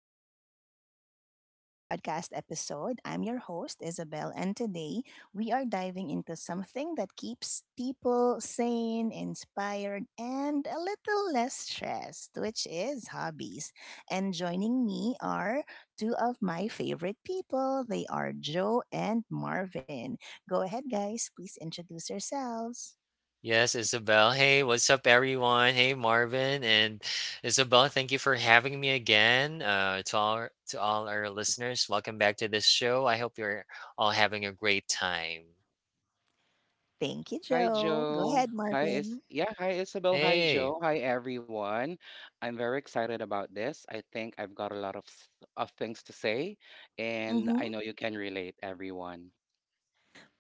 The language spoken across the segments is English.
back to another podcast episode. I'm your host Isabel, and today we are diving into something that keeps people sane, inspired, and a little less stressed, which is hobbies. And joining me are two of my favorite people. They are Joe and Marvin. Go ahead, guys. Please introduce yourselves. Yes, Isabel. Hey, what's up, everyone? Hey, Marvin and Isabel. Thank you for having me again. To all our listeners, welcome back to this show. I hope you're all having a great time. Thank you, Hi, Joe. Go Joe. ahead, Marvin. Hi, Isabel. Hi, Hey, Joe. Hi, everyone. I'm very excited about this. I think I've got a lot of s- of things to say, and I Mm-hmm. know you can relate, everyone.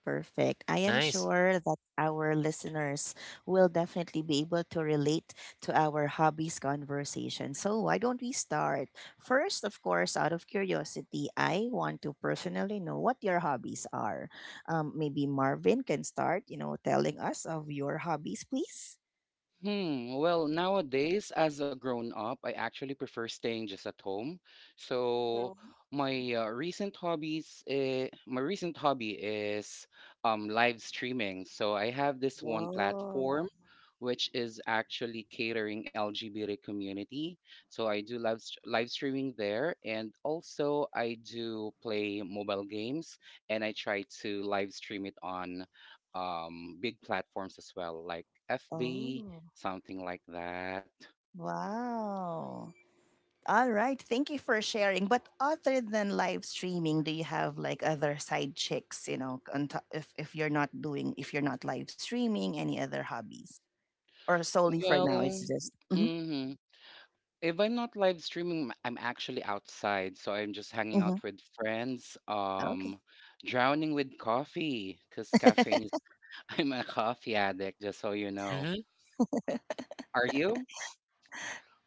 Perfect. I am nice. sure that our listeners will definitely be able to relate to our hobbies conversation. So, why don't we start? First, of course, out of curiosity, I want to personally know what your hobbies are. Maybe Marvin can start, telling us of your hobbies, please. Hmm. Well, nowadays, as a grown up, I actually prefer staying just at home. So Mhm. My recent hobby is live streaming. So I have this one Oh, platform, which is actually catering LGBT community. So I do live streaming there, and also I do play mobile games, and I try to live stream it on big platforms as well, like FV. oh, Something like that. wow. All right. Thank you for sharing. But other than live streaming, do you have like other side chicks, on top, if you're not doing, if you're not live streaming, any other hobbies? Or solely for now, it's Well, just. Mm-hmm, mhm. If I'm not live streaming, I'm actually outside, so I'm just hanging mm-hmm. out with friends, Okay. Drowning with coffee, because I'm a coffee addict, just so you know. Mm-hmm. Are you?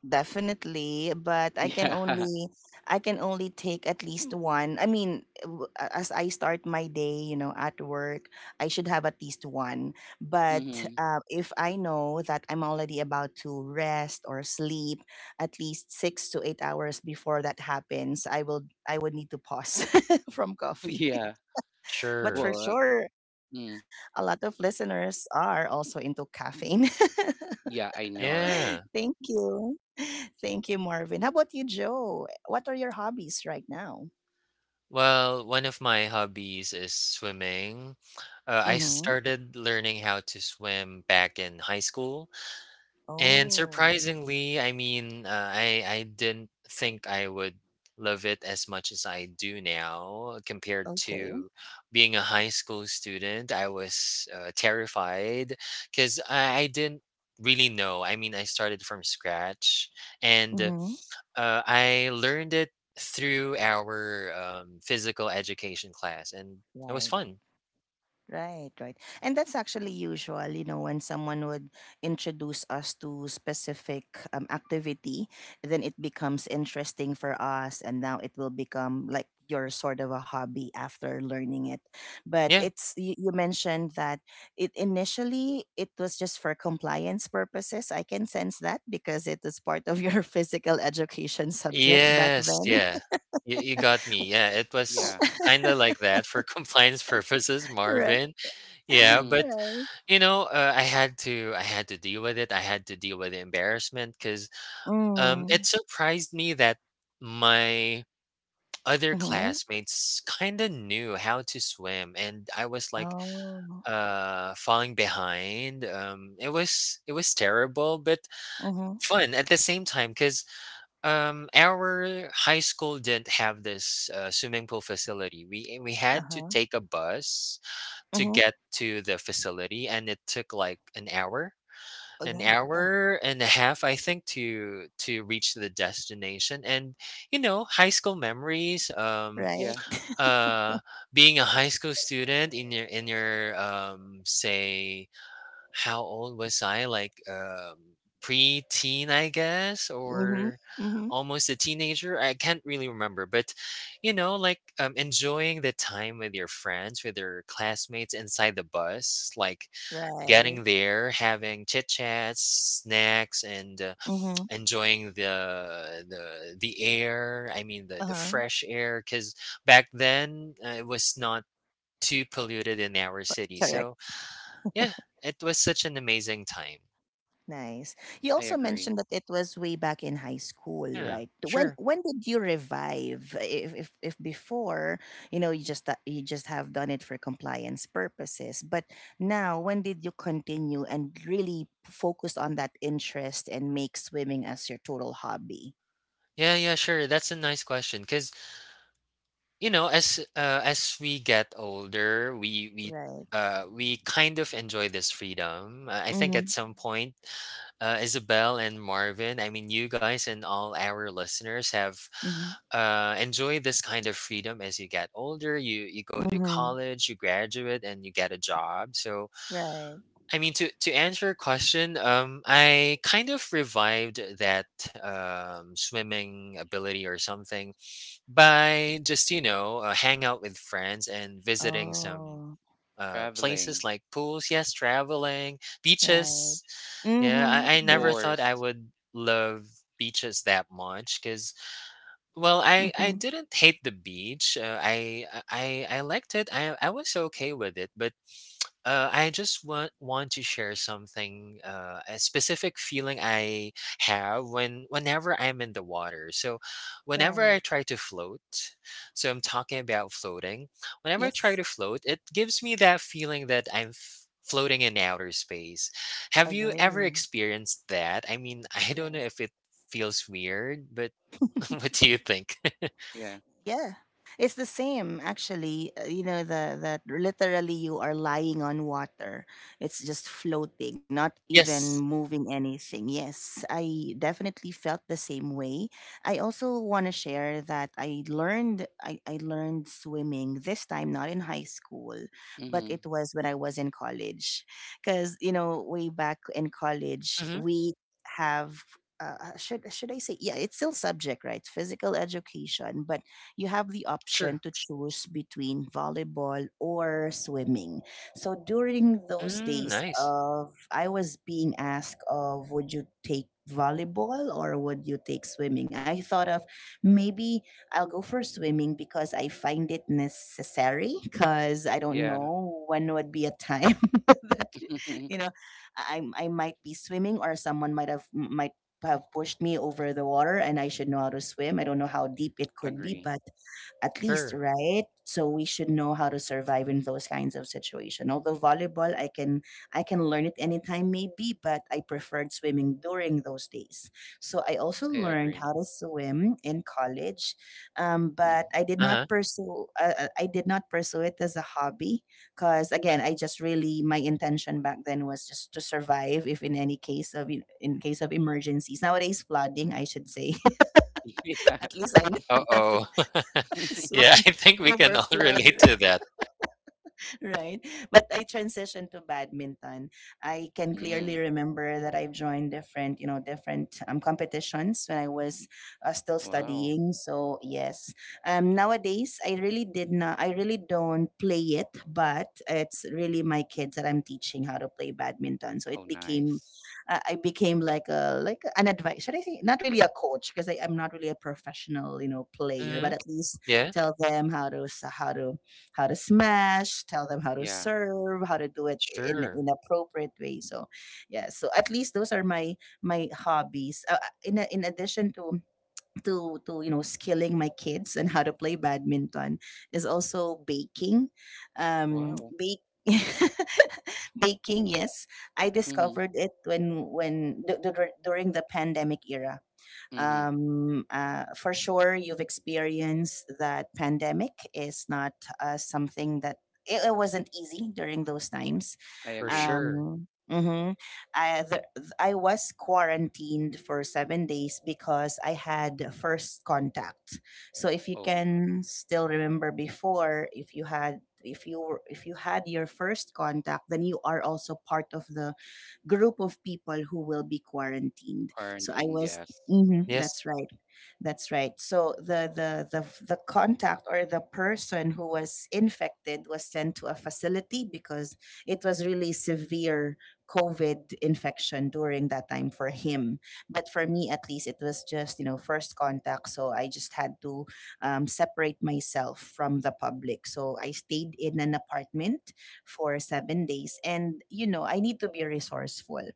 Definitely, but Yeah. I can only take at least one. I mean, as I start my day, at work, I should have at least one. But Mm-hmm. If I know that I'm already about to rest or sleep, at least 6 to 8 hours before that happens, I will I would need to pause from coffee. Yeah. But for Sure. Well, uh, sure, a lot mm, of listeners are also into caffeine. yeah, I know, right? Thank Yeah. you. Thank you, Marvin. How about you, Joe? What are your hobbies right now? Well, one of my hobbies is swimming. I Mm-hmm. started learning how to swim back in high school. And Oh, surprisingly, I didn't think I would love it as much as I do now compared okay. to being a high school student. I was terrified because I didn't really know. I mean, I started from scratch and Mm-hmm. I learned it through our physical education class, and it was Right. fun. Right, right. And that's actually usual, when someone would introduce us to specific activity, then it becomes interesting for us and now it will become like your sort of a hobby after learning it. But Yeah. it's you, you mentioned that it initially it was just for compliance purposes. I can sense that because it was part of your physical education subject back Yes, then. yeah. You got me. Yeah, it was Yeah. kinda like that for compliance purposes, Right. Marvin. Yeah, Mm-hmm. but, Right. you know, I had to deal with it. I had to deal with the embarrassment because it Mm. surprised me that my other Mm-hmm. classmates kinda knew how to swim, and I was, like, Oh. Falling behind. It was terrible, but Mm-hmm. fun at the same time. Because. Our high school didn't have this swimming pool facility. We had to Uh-huh. take a bus to Mm-hmm. get to the facility, and it took like Oh an yeah, yeah. hour and a half, I think, to reach the destination. And you know, high school memories. Yeah, Right. uh, Being a high school student in your, say, how old was I? Like, pre-teen, I guess, Mm-hmm. or Mm-hmm. almost a teenager. I can't really remember, but you know, like enjoying the time with your friends, with your classmates inside the bus, like Right. getting there, having chit chats, snacks, and Mm-hmm. enjoying the air. I mean, the Uh-huh. fresh air, because back then it was not too polluted in our city. Correct. So yeah, it was such an amazing time. Nice. You I also agree. mentioned that it was way back in high school, Yeah, right? Sure. When did you revive? If before, you know, you just have done it for compliance purposes, but now when did you continue and really focus on that interest and make swimming as your total hobby? Yeah, yeah, sure. That's a nice question because you know, as we get older, Right. We kind of enjoy this freedom. I think Mm-hmm. at some point, Isabel and Marvin, I mean, you guys and all our listeners have Mm-hmm. Enjoyed this kind of freedom as you get older. You go to Mm-hmm. college, you graduate, and you get a job. So Right. I mean, to answer your question, I kind of revived that swimming ability or something by just you know hang out with friends and visiting some Oh. Places Traveling, like pools. Yes, traveling Right. beaches. Yeah, Mm-hmm. of I never thought course. I would love beaches that much because well Mm-hmm. I didn't hate the beach. I liked it. I was okay with it, but I just want to share something, a specific feeling I have when whenever I'm in the water. So, whenever I Right. try to float, so I'm talking about floating. Whenever I try Yes. to float, it gives me that feeling that floating in outer space. Have you ever Agree. experienced that? I mean, I don't know Yes. if it feels weird, but what do you think? Yeah. Yeah. It's the same actually. You know the that literally you are lying on water. It's just floating, not even Yes. moving anything. Yes, I definitely felt the same way. I also want to share that I learned I learned swimming this time not in high school, but Mm-hmm. it was when I was in college. Cuz you know way back in college Mm-hmm. we have should I say yeah it's still subject right physical education but you have the option Sure. to choose between volleyball or swimming. So during those Mm, days nice. of I was being asked of would you take volleyball or would you take swimming? I thought of maybe I'll go for swimming because I find it necessary because I don't Yeah. know when would be a time that you know I might be swimming or someone might have pushed me over the water and I should know how to swim. I don't know how deep it could be, Agree. but at least, Sure. right? So we should know how to survive in those kinds of situation. Although volleyball, I can learn it anytime maybe, but I preferred swimming during those days. So I also I learned agree. how to swim in college, Mm. but I did Uh huh. not pursue I did not pursue it as a hobby because again I just really my intention back then was just to survive if in any case of in case of emergencies nowadays flooding I should say Yeah. at least I know how to Uh-oh. Yeah, swim I think we over can all flood relate to right? that. right? But I transitioned to badminton. I can clearly Mm. remember that I've joined different, different competitions when I was still Wow. studying. So yes, nowadays I really did not, I really don't play it, but it's really my kids that I'm teaching how to play badminton. So it Oh, became, nice. I became like a like an advice. Should I say not really a coach because I'm not really a professional, player, Mhm. but at least Yeah, tell them how to smash, tell them how to Yeah. serve, how to do it sure. in appropriate way. So, yeah. So at least those are my my hobbies. In a, in addition to you know skilling my kids and how to play badminton is also baking. Wow. Bake. baking yes I Mhm. discovered it when during the pandemic era Mhm. For sure, you've experienced that pandemic is not something that it wasn't easy during those times. I For agree. sure. Mhm. I, the, I was quarantined for 7 days because I had first contact. So if you Oh, can still remember before, if you had if you were, if you had your first contact, then you are also part of the group of people who will be quarantined. So I quarantine, was. yes. Mhm, Yes. that's right. That's right. So the contact or the person who was infected was sent to a facility because it was really severe COVID infection during that time for him. But for me, at least, it was just you know first contact. So I just had to separate myself from the public. So I stayed in an apartment for 7 days. And, you know, I need to be resourceful.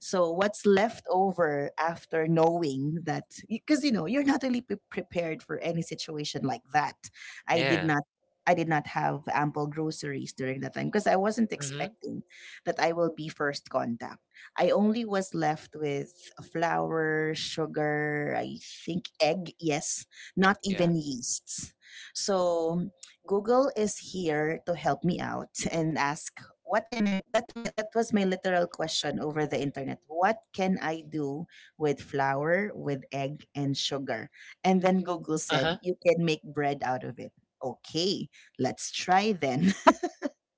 So, what's left over after knowing that, because, you know, you're not really prepared for any situation like that. I did Yeah. not. I did not have ample groceries during that time because I wasn't Mhm. expecting that I will be first contact. I only was left with flour, sugar, I think egg, yes, not Yeah. even yeasts. So Google is here to help me out and ask what can I that's my that was my literal question over the internet. What can I do with flour, with egg and sugar? And then Google Uh-huh. said you can make bread out of it. Okay, let's try then.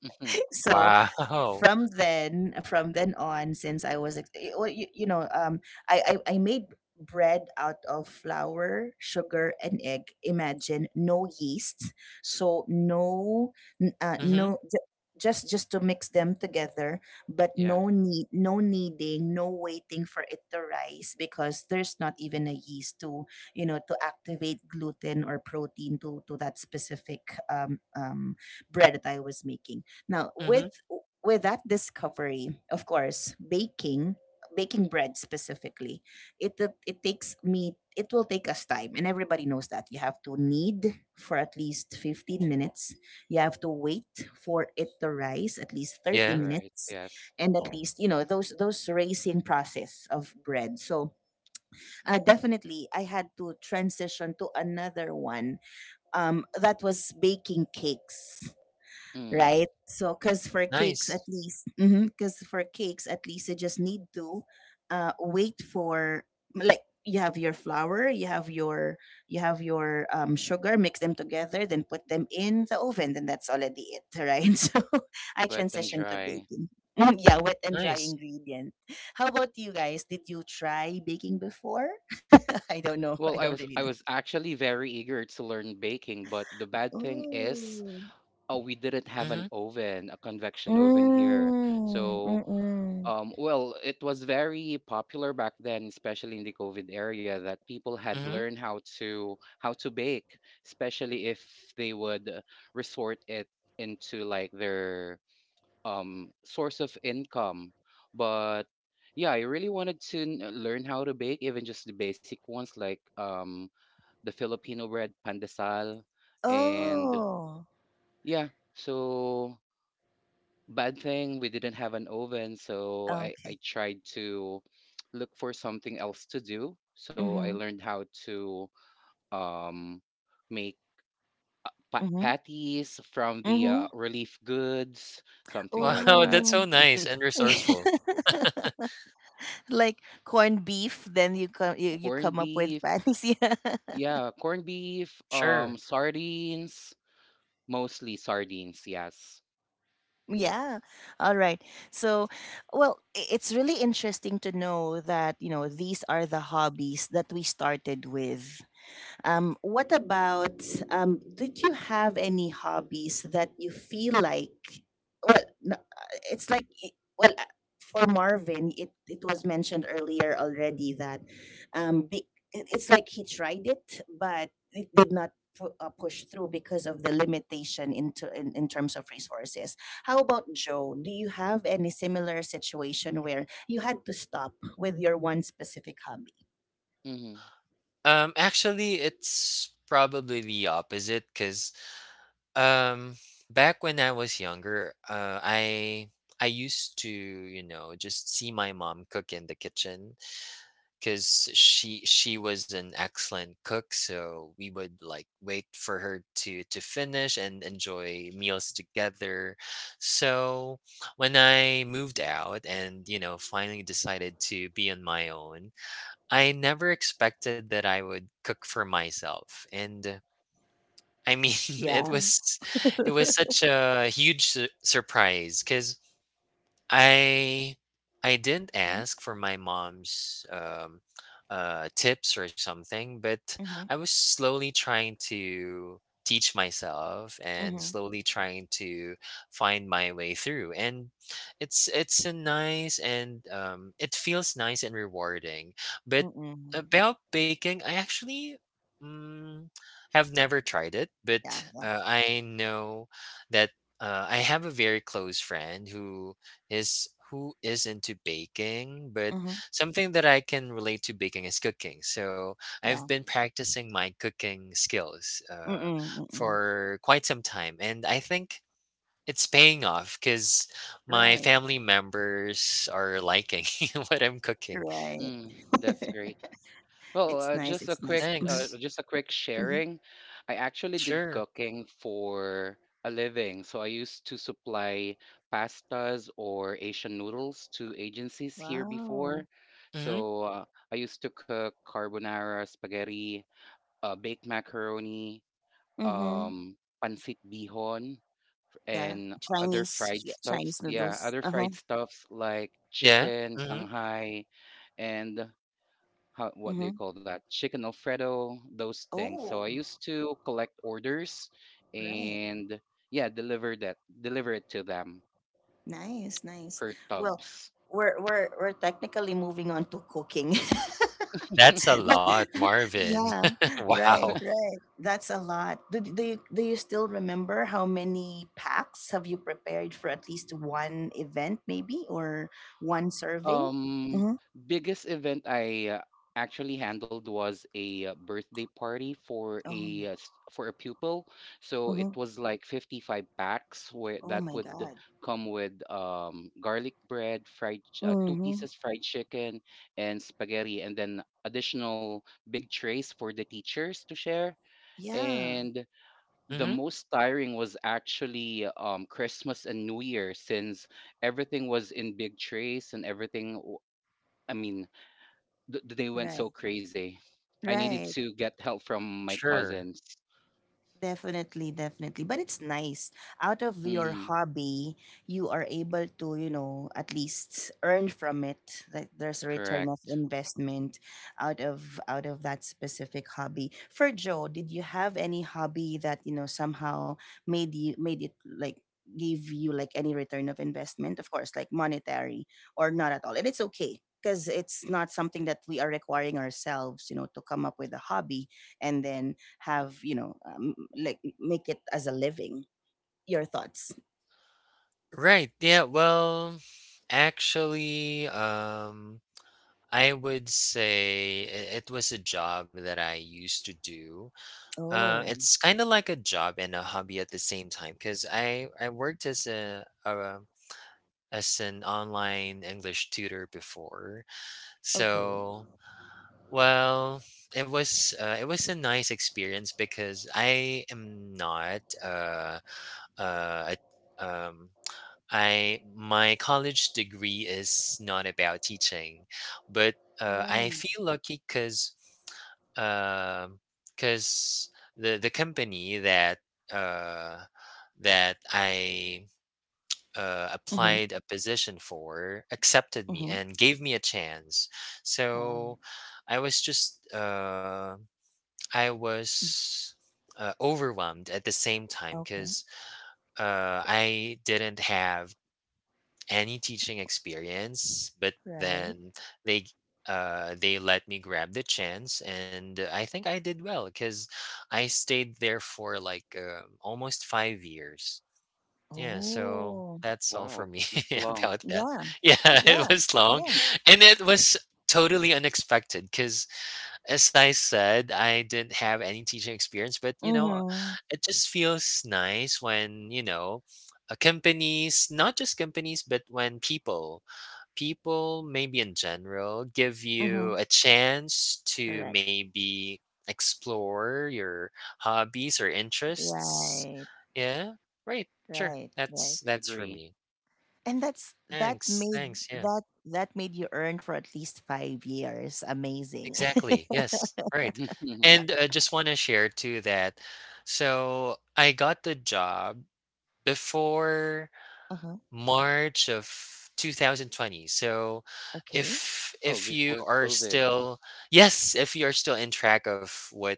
Mhm. so Wow. From then on since I was well, you know I made bread out of flour sugar and egg imagine no yeast so no n- uh, Mhm, no ju- just just to mix them together but Yeah. no need no kneading no waiting for it to rise because there's not even a yeast to you know to activate gluten or protein to that specific um, um bread that I was making now mhm. With that discovery, of course, baking bread specifically, it takes me it will take us time, and everybody knows that you have to knead for at least 15 minutes. You have to wait for it to rise at least That's thirty Yeah. right. minutes, Yes. and at Oh. least you know those raising process of bread. So definitely, I had to transition to another one that was baking cakes Mm. right? So, because for cakes at Nice. least, because for cakes at least you just need to wait for like you have your flour, you have your sugar, mix them together, then put them in the oven, then that's already it, right? So I Wet and transitioned to dry. baking. Mm, yeah, wet and dry Nice. ingredient. How about you guys? Did you try baking before? I don't know. Well, I I don't was really I know. was actually very eager to learn baking, but the bad thing is, Oh. oh, we didn't have an Mhm, oven, a convection oven here. Mm, So mm-mm. um, well, it was very popular back then, especially in the COVID area, that people had mhm. learned how to bake, especially if they would resort it into like their source of income. But yeah, I really wanted to learn how to bake, even just the basic ones like the Filipino bread, pandesal, and Oh. yeah. So bad thing we didn't have an oven, so Okay. I tried to look for something else to do. So I Mm-hmm. learned how to um, make Mm-hmm. patties from the Mm-hmm. Relief goods, something like Wow, that. that's so Ooh. nice and resourceful. like corned beef, then you come you Corned come up beef, with patties. Yeah. yeah, corned beef, Sure. sardines, mostly sardines, yes. Yeah. All right. So, well, it's really interesting to know that, you know, these are the hobbies that we started with. What about, did you have any hobbies that you feel like, well, no, it's like, well, for Marvin, it was mentioned earlier already that um, be, it- it's like he tried it, but it did not push through because of the limitation into, in terms of resources. How about Joe? Do you have any similar situation where you had to stop with your one specific hobby? Mm-hmm. Actually, it's probably the opposite, cause. Um, back when I was younger, I used to, you know, just see my mom cook in the kitchen because she was an excellent cook. So we would like wait for her to finish and enjoy meals together. So when I moved out and you know finally decided to be on my own, I never expected that I would cook for myself. And. I mean, Yeah. it was such a huge su surprise. Because. I I didn't Mhm. ask for my mom's tips or something, but I Mhm. was slowly trying to teach myself and Mhm. slowly trying to find my way through. And it's a nice and it feels nice and rewarding. But Mm-mm. about baking, I actually. Mm, have never tried it, but Yeah. Yeah. I know that I have a very close friend who is into baking, but Mhm. something that I can relate to baking is cooking. So I've been Yeah. Mm-hmm. practicing my cooking skills Mm-mm. Mm-mm. for quite some time, and I think it's paying off because my Right. family members are liking what I'm cooking. Right. Mm, that's great. Well, It's nice. It's nice. Mhm. Thanks. just a quick Mhm. sharing. I actually did Sure. cooking for a living, so I used to supply pastas or Asian noodles to agencies here Wow. before. Mm-hmm. So I used to cook carbonara, spaghetti, baked macaroni, Mhm. um, pancit bihon, Yeah. and other Chinese fried Yeah. Chinese stuffs. Yeah, noodles. other Uh huh. fried stuffs like Yeah. chicken, Mm-hmm. Shanghai, and how, what do you Mhm. call that? Chicken Alfredo, those things. So I Oh. used to collect orders Right. and yeah, deliver it to them Nice. Nice. per Well, tubs. We're technically moving on to cooking. That's a lot, Marvin. Yeah, right, Wow. right. That's a lot. Do you still remember how many packs have you prepared for at least one event, maybe, or one serving? Um, Mm-hmm. Biggest event I actually handled was a birthday party for Oh, a for a pupil. So it mm-hmm. was like 55 packs where Oh that my would God. come with garlic bread, two Mm-hmm. pieces fried chicken and spaghetti and then additional big trays for the teachers to share. Yeah, And the Mm-hmm. most tiring was actually Christmas and New Year since everything was in big trays and everything I mean, th- they went right, so crazy. I needed right. to get help from my Sure. cousins. Definitely, definitely. But it's nice. Out of your Mm, hobby, you are able to, at least earn from it. Like there's a return of correct. investment out of that specific hobby. For Joe, did you have any hobby that, somehow made it like gave you like any return of investment? Of course, like monetary or not at all. And it's okay. Because it's not something that we are requiring ourselves, to come up with a hobby and then have like make it as a living your thoughts. Right. Yeah. Well, actually, I would say it was a job that I used to do. Oh, It's kind of like a job and a hobby at the same time because I worked as a as an online English tutor before. okay. So Ooh. well, it was a nice experience because I am not a um I my college degree is not about teaching, but Mm. I feel lucky because because the company that uh, that I Mm-hmm. applied a position for accepted me Mm-hmm. and gave me a chance. Wow. So I was just I Mm. was. Overwhelmed at the same time Okay. because I didn't have any teaching experience, but Right. then they they let me grab the chance, and I think I did well cuz I stayed there for like almost 5 years. Yeah, so Oh, that's all for Wow, me that's long. about that. yeah. Yeah, Yeah. it was long Yeah. and it was totally unexpected cuz as I said, I didn't have any teaching experience, but you know, Mm-hmm. it just feels nice when, you know, companies, not just companies, but when people maybe in general, give Mm-hmm. you a chance to Correct. maybe explore your hobbies or interests. Right. Yeah, right. Sure. Right. Right. I That's for agree. me. And Thanks. Thanks. Yeah. that made you earn for at least 5 years. Amazing. Exactly. Yes. Right. And just want to share too that so I got the job before Uh-huh. March of 2020. So Okay. if Oh, you before are COVID. still yes, if you are still in track of what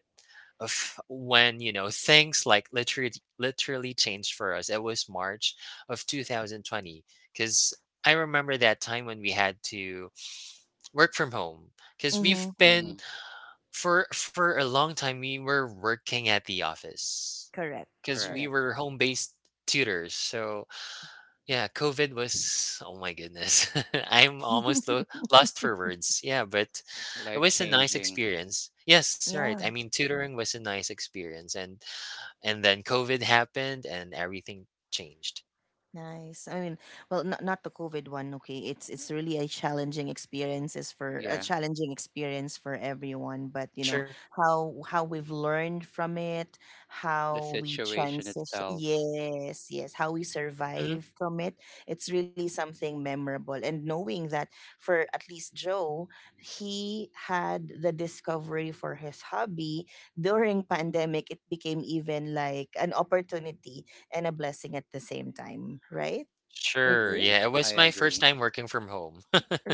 of when you know things like literally changed for us, it was March of 2020 because I remember that time when we had to work from home because we've Mm-hmm. been Hmm, for a long time, we were working at the office Correct. because correct. Correct. we were home-based tutors. So yeah, COVID was oh my goodness, I'm almost lost for words. Yeah, but it Life was a nice changing. experience. Yes, right. I Yeah. mean, tutoring was a nice experience, and then COVID happened, and everything changed. Nice. I mean, well, not the COVID one. Okay, it's really a Yeah, challenging experience for everyone. But you know Sure. how we've learned from it, the how we situation transition. itself. Yes, yes, how we Hmm. survive from it. It's really something memorable. And knowing that for at least Joe, he had the discovery for his hobby during pandemic. It became even like an opportunity and a blessing at the same time, right? Sure. Okay. Yeah, Agree. it I was my first agree. time working from home.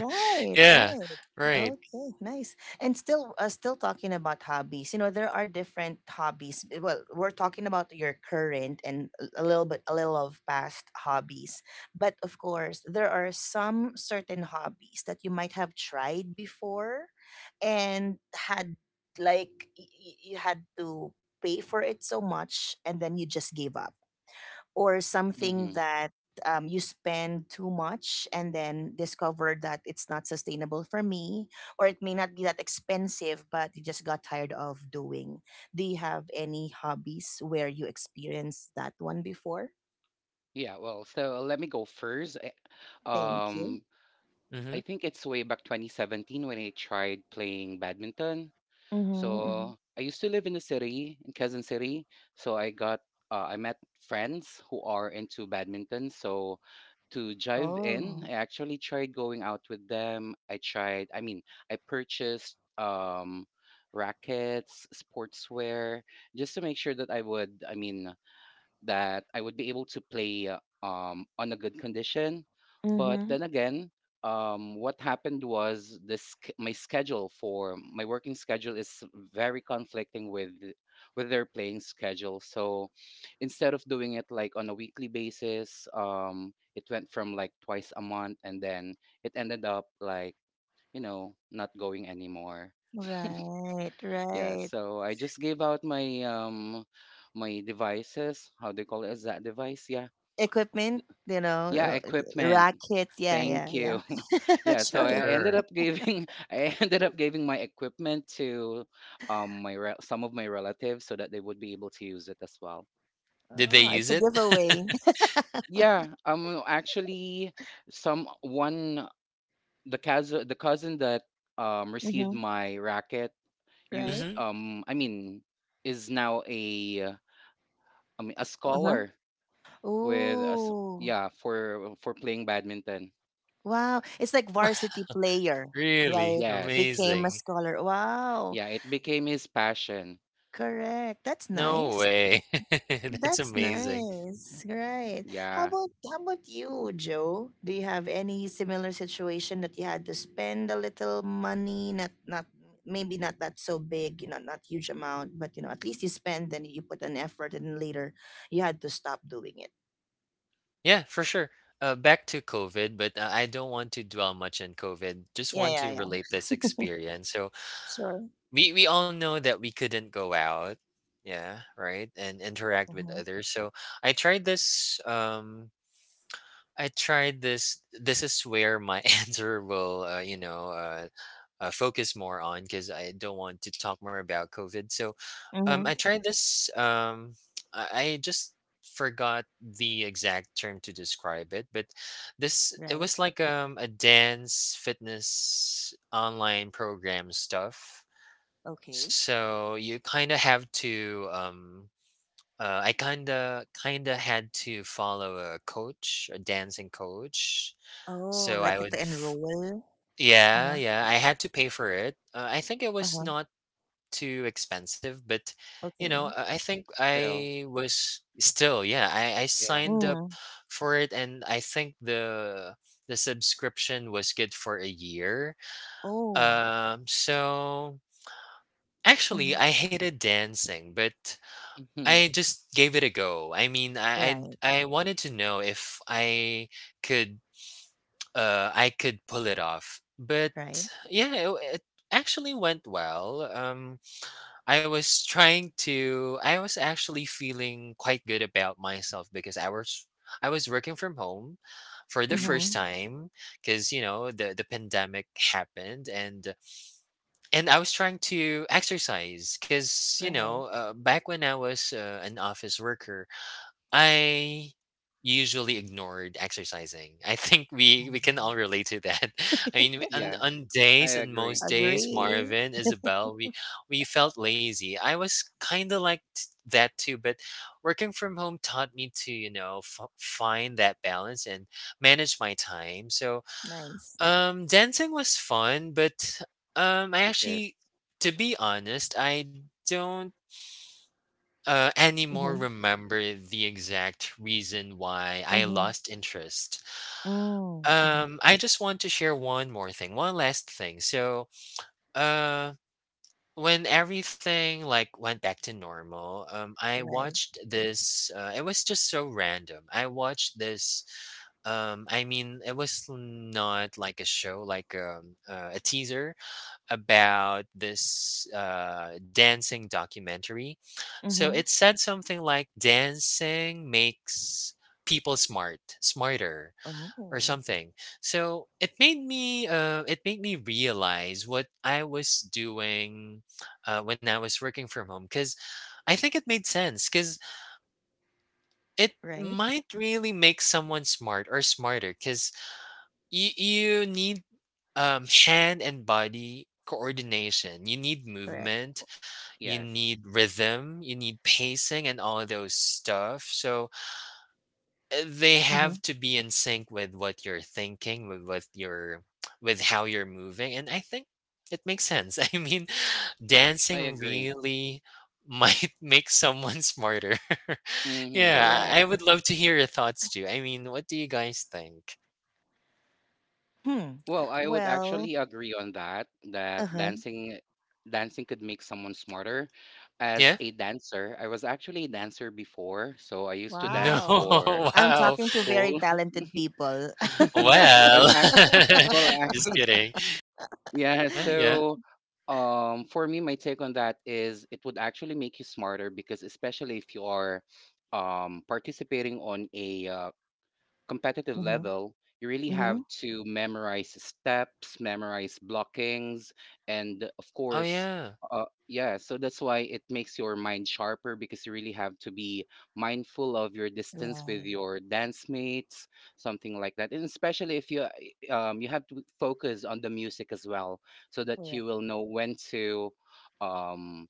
Yeah. right. Right. Okay, nice. And still talking about hobbies. There are different hobbies. Well, we're talking about your current and a little of past hobbies. But of course, there are some certain hobbies that you might have tried before and had like you had to pay for it so much and then you just gave up or something Hmm. that you spend too much and then discover that it's not sustainable for me, or it may not be that expensive, but you just got tired of doing. Do you have any hobbies where you experienced that one before? Yeah, well, so let me go first. I, Thank you. um, Hmm. I think it's way back 2017 when I tried playing badminton. Mm-hmm, mm-hmm. So I used to live in the city, in Quezon City. So I got, I met friends who are into badminton. So to drive in, Oh. I actually tried going out with them. I tried, I mean, I purchased rackets, sportswear, just to make sure that I would, I mean, that I would be able to play on a good condition. But Mm-hmm. then again, what happened was this sch- my schedule for my working schedule is very conflicting with their playing schedule. So instead of doing it like on a weekly basis, it went from like twice a month, and then it ended up like, you know, not going anymore. Right, Yeah, right. so I just gave out my devices. How do you call it? Is that device? Yeah, Equipment, yeah, equipment. racket. Yeah, yeah, Thank you. yeah. Yeah, so Sure. I ended Sure. up giving I ended up giving my equipment to my rel some of my relatives so that they would be able to use it as well. Did they Oh, use it's a it? giveaway. Yeah, actually some one the cousin that received Mm-hmm. my racket used Right? Mhm. I mean is now a a Uh huh. scholar with us, Oh, yeah, for playing badminton. wow. It's like varsity player, Really? right? Yes. Became a Amazing. scholar. Wow. Yeah, it became his passion. Correct. That's No nice. way. That's That's amazing. nice. Right. How Yeah. about how about you, Joe? Do you have any similar situation that you had to spend a little money, not maybe not that so big, not huge amount, but at least you spend and you put an effort and then later you had to stop doing it. Yeah, for sure. Back to COVID, but I don't want to dwell much on COVID. Yeah, Just yeah, want yeah. to relate this experience. So Sure. we all know that we couldn't go out, yeah, right, and interact Mm-hmm. with others. So I tried this. Um, I tried this. This is where my answer will, focus more on because I don't want to talk more about COVID. So, Mm-hmm. I tried this. I just forgot the exact term to describe it, but this Right. it was like a dance fitness online program stuff. Okay. So you kind of have to I kinda had to follow a coach, a dancing coach. Oh, So like you I Oh. to would f enroll? Uh-huh, Yeah, yeah, I Mhm. had to pay for it. I think it uh-huh, was not too expensive, but, you know, okay. I think Still, I was still, yeah, I yeah. signed up Mm, for it, and I think the subscription was good for a year. oh, So, mhm, actually, I hated dancing, but I Mhm, just gave it a go. I mean, right, I wanted to know if I could pull it off. But right, yeah, it actually went well. I was actually feeling quite good about myself because I was working from home for the mhm. mhm, first time cuz you know the pandemic happened, and I was trying to exercise cuz you right. know back when I was an office worker I usually ignored exercising. I think we Mhm. can all relate to that. I mean, Yeah, I on agree. most days, Agree. Marvin, Isabel, we felt lazy. I was kind of like that too, but working from home taught me to you know find that balance and manage my time. So Nice. Dancing was fun, but um, I It is. actually, to be honest, I don't anymore Mm-hmm, remember the exact reason why I mm-hmm, lost interest. mm, mhm, I just want to share one more thing, one last thing. So, uh, when everything went back to normal, I right, watched this. It was just so random. I watched this. It was not like a show, like a teaser about this dancing documentary. So mm-hmm, it said something like dancing makes people smarter, or oh, something. So it made me realize what I was doing when I was working from home because I think it made sense because it right, might really make someone smart or smarter because you need hand and body coordination, you need correct, movement, you Yes, need rhythm, you need pacing, and all of those stuff. So they mm-hmm, have to be in sync with what you're thinking, with what your with how you're moving. And I think it makes sense. I mean, I dancing agree. really might make someone smarter. Mhm. correct. Yeah, I would love to hear your thoughts too. I mean, what do you guys think? Hmm, Well, I would well, actually agree on that, that uh-huh, dancing dancing could make someone smarter. As Yeah. a dancer, I was actually a dancer before, so I used to No, dance wow. for I'm wow. at talking to very school. talented people. I was Well, act well, I just kidding. Yeah, Yeah, yeah. so for me, my take on that is it would actually make you smarter because especially if you are participating on a competitive Mm-hmm, level, you really mm-hmm, have to memorize steps, memorize blockings, and of Oh, course, yeah. Yeah. So that's why it makes your mind sharper because you really have to be mindful of your distance with right, your dance mates, something like that. And especially if you have to focus on the music as well, so that you correct. will know when to um,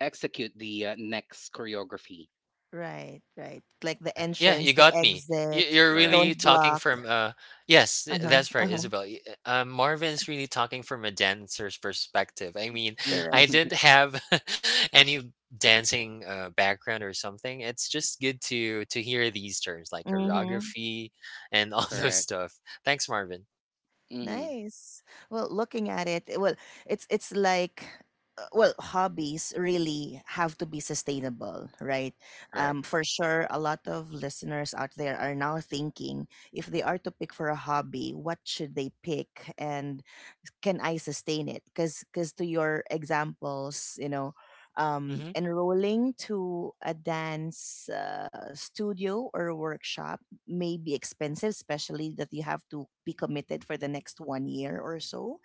execute the next choreography. Right, right. Like the Sure. Yeah, entrance, you the got me. Y- exit, You're Correct. really don't talking block. from Yes, Uh huh, that's uh right, huh. Isabel. Marvin's really talking from a dancer's perspective. I mean, I Correct. didn't have any dancing background or something. It's just good to hear these terms like Mm hmm. choreography and all those Correct. stuff. Thanks, Marvin. Mhm. Nice. Well, looking at it, well, it's like well, hobbies really have to be sustainable, right? Correct. For sure, a lot of listeners out there are now thinking if they are to pick for a hobby, what should they pick, and can I sustain it? Because to your examples, Mm-hmm. enrolling to a dance studio or workshop may be expensive, especially that you have to be committed for the next 1 year or so,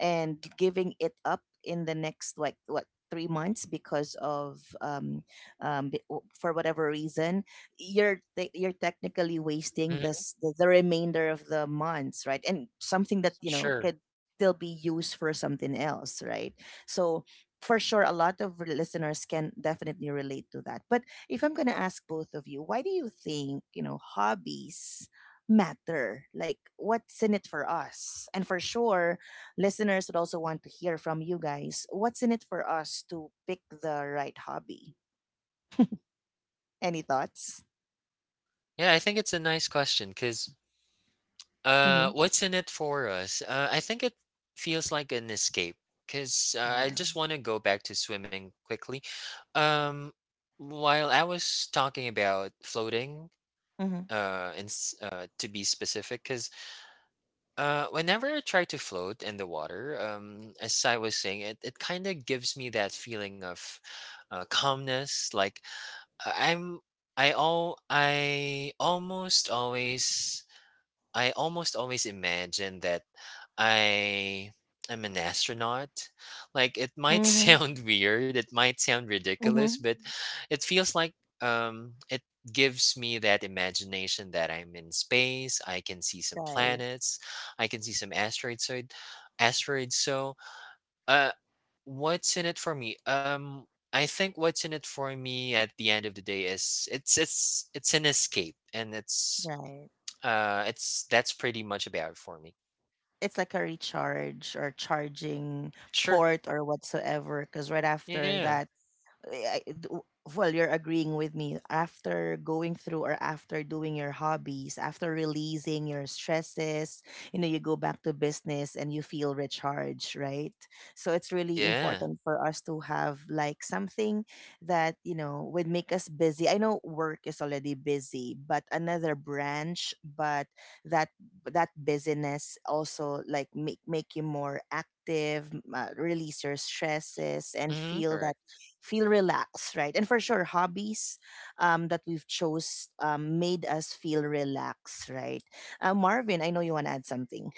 and giving it up in the next like what 3 months because of for whatever reason you're technically wasting hmm the remainder of the months, right, and something that Sure. could still be used for something else, right. So for sure a lot of listeners can definitely relate to that, but if I'm gonna ask both of you, why do you think hobbies matter? Like, what's in it for us? And for sure, listeners would also want to hear from you guys. What's in it for us to pick the right hobby? Any thoughts? Yeah, I think it's a nice question because Mm-hmm. what's in it for us? I think it feels like an escape because I Yeah. just want to go back to swimming quickly. Um, while I was talking about floating, Mm-hmm. To be specific, because whenever I try to float in the water, as I was saying, it kind of gives me that feeling of calmness. Like uh, I'm, I almost always imagine that I am an astronaut. Like it might Mm-hmm. sound weird, it might sound Mm-hmm. ridiculous, but it feels like it gives me that imagination that I'm in space. I can see some Right. planets, I can see some asteroids so uh what's in it for me? I think what's in it for me at the end of the day is it's an escape, and Right. It's that's pretty much about it for me. It's like a recharge or charging Sure. port or whatsoever. Because right after Yeah. that, I- I- d- well, you're agreeing with me after going through or after doing your hobbies, after releasing your stresses you go back to business and you feel recharged, right. So it's really Yeah. important for us to have like something that would make us busy. I know work is already busy, but another branch, but that that busyness also like make you more active, release your stresses and Mhm. feel that Correct. feel relaxed, right. And for sure hobbies that we've chose made us feel relaxed, right. Marvin, I know you want to add something.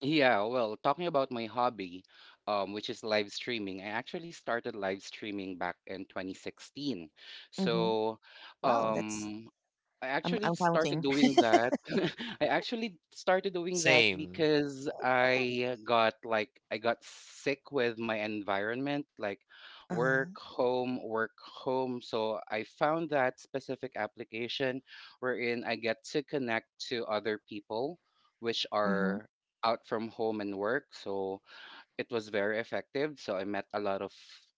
Yeah, well, talking about my hobby, which is live streaming, I actually started live streaming back in 2016. Hmm. So, Wow, that's um, I i'm, actually I'm started counting. doing that. I actually started doing that Same. because I got sick with my environment, like Uh-huh. work, home, work, home. So I found that specific application wherein I get to connect to other people which Mm-hmm. are out from home and work. So it was very effective. So I met a lot of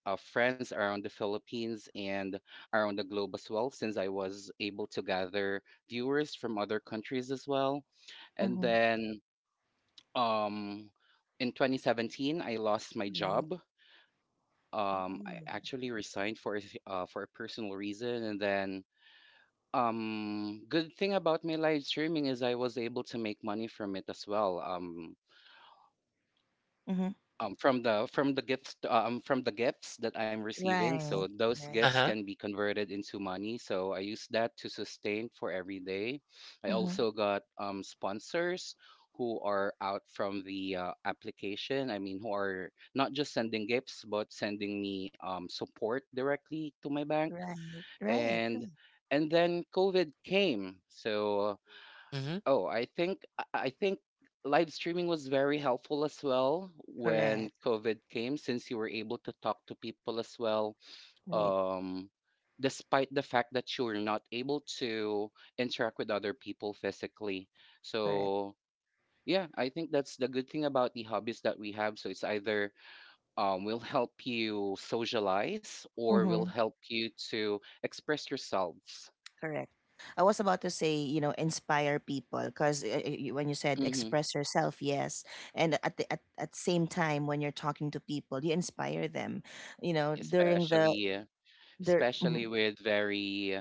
friends around the Philippines and around the globe as well, since I was able to gather viewers from other countries as well. And Mm-hmm. then um, in 2017, I lost my Right. job. Oh. I actually resigned for for a personal reason, and then good thing about my live streaming is I was able to make money from it as well. Mm-hmm. From the gifts that I'm receiving. So Right, those right. gifts Uh-huh. can be converted into money. So I use that to sustain for every day. I Mm-hmm. also got sponsors who are out from the application. I mean, who are not just sending gifts but sending me support directly to my bank, Right, right, and right. Then COVID came. So Mhm. oh, I think live streaming was very helpful as well when Correct. COVID came, since you were able to talk to people as well. Right. Um, Despite the fact that you were not able to interact with other people physically. Correct. So yeah, I think that's the good thing about the hobbies that we have. So it's either will help you socialize or will Mm-hmm. help you to express yourselves, Correct. I was about to say, inspire people because when you said hmm, express yourself, yes, and at the at same time when you're talking to people, you inspire them, during the especially. Yeah, the especially mhm, with very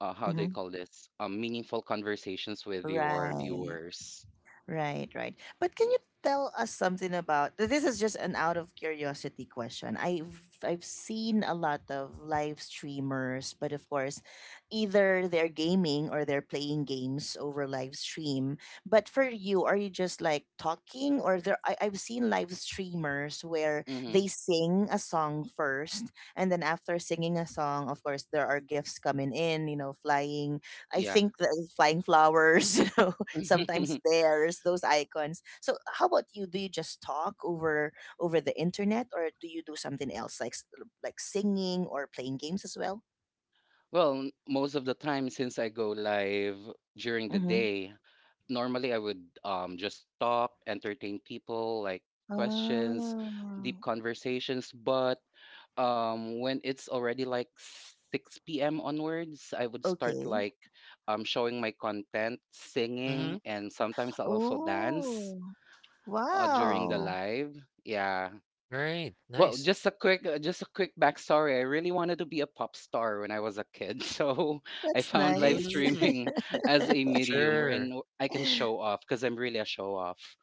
how do you mhm. call this, meaningful conversations with your Right. viewers, Right, right. But can you tell us something about This is just an out of curiosity question. I've seen a lot of live streamers, but of course, either they're gaming or they're playing games over live stream. But for you, are you just like talking, or I've seen live streamers where hmm, they sing a song first, and then after singing a song, of course, there are gifts coming in, flying. I yeah. think the flying flowers, sometimes theirs, those icons. So how about you? Do you just talk over the internet, or do you do something else like like singing or playing games as well? Well, most of the time since I go live during the Mm-hmm. day, normally I would just talk, entertain people, like questions, Oh, deep conversations, but when it's already like 6 p.m. onwards, I would start okay. like showing my content, singing, Mhm. and sometimes I'll also dance Oh, during the wow. live. Yeah. Great. Well, Nice. Just a quick backstory. I really wanted to be a pop star when I was a kid, so I That's found live nice. Mm. streaming as a medium Sure. wherein I can show off because I'm really a show off.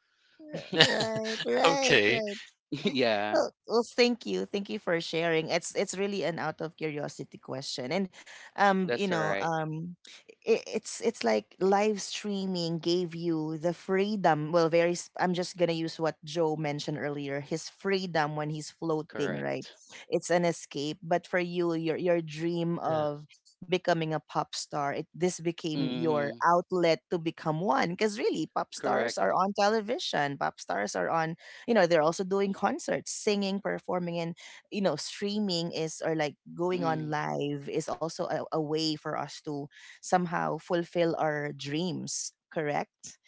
Right, right, Okay. right. Yeah, Well, well, thank you for sharing. It's really an out of curiosity question, and um, you that's know, right. um, it's like live streaming gave you the freedom. Well, I'm just gonna use what Joe mentioned earlier. His freedom when he's floating, right? Correct. It's an escape. But for you, your dream Yeah. of becoming a pop star, it this became your Hmm. outlet to become one. Because really, pop stars Correct. are on television. Pop stars are on they're also doing concerts, singing, performing, and streaming is, or like going on Mm, live, is also a way for us to somehow fulfill our dreams, correct.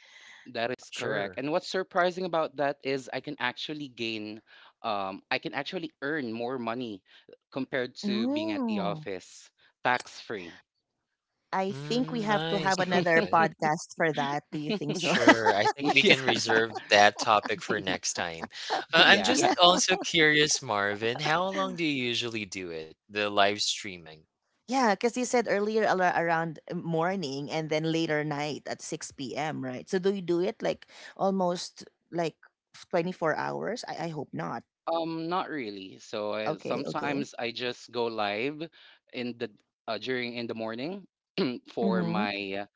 that is correct. Sure. And what's surprising about that is I can actually earn more money compared to being at the No, office, tax free. I think we Mm, have to have nice. another Okay. podcast for that. Do you think so? Sure. I think we yeah. Just can kidding. reserve that topic for next time. I'm yeah. just Yeah, also curious, Marvin, how long do you usually do it? The live streaming. yeah, because you said earlier around morning and then later night at 6 p.m., right? So do you do it like almost like 24 hours? I hope not. Not really. So Okay, okay. sometimes I just go live in the during in the morning for Mm-hmm. my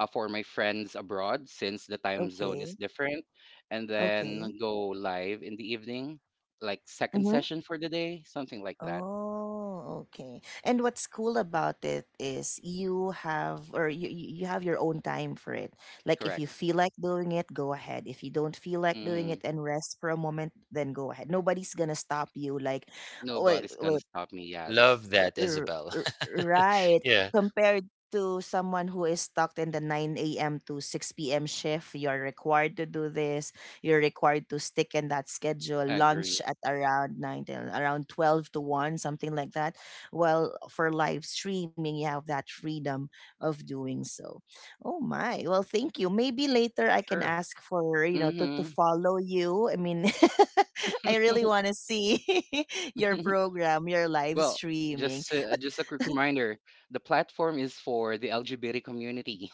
for my friends abroad since the time zone Okay. is different, and Okay. then go live in the evening, like second Mm-hmm. session for the day, something like that. Oh, okay. And what's cool about it is you have your own time for it. Like if you Correct. feel like doing it, go ahead. If you don't feel like doing Mm-hmm. it and rest for a moment, then go ahead. Nobody's gonna stop you. Like, well, Nobody's gonna stop me. Yes, Love that, R- Isabel. r- right. Yeah. Compared to someone who is stuck in the 9 a.m. to 6 p.m. shift, you're required to do this. You're required to stick in that schedule, lunch agree. at around 9, around 12 to 1, something like that. Well, for live streaming, you have that freedom of doing so. Oh my. Well, thank you. Maybe later I can Sure. ask for, to Mm-hmm. follow you. I mean, I really want to see your program, your live Well, streaming. Just a quick reminder, the platform is for the LGBT community.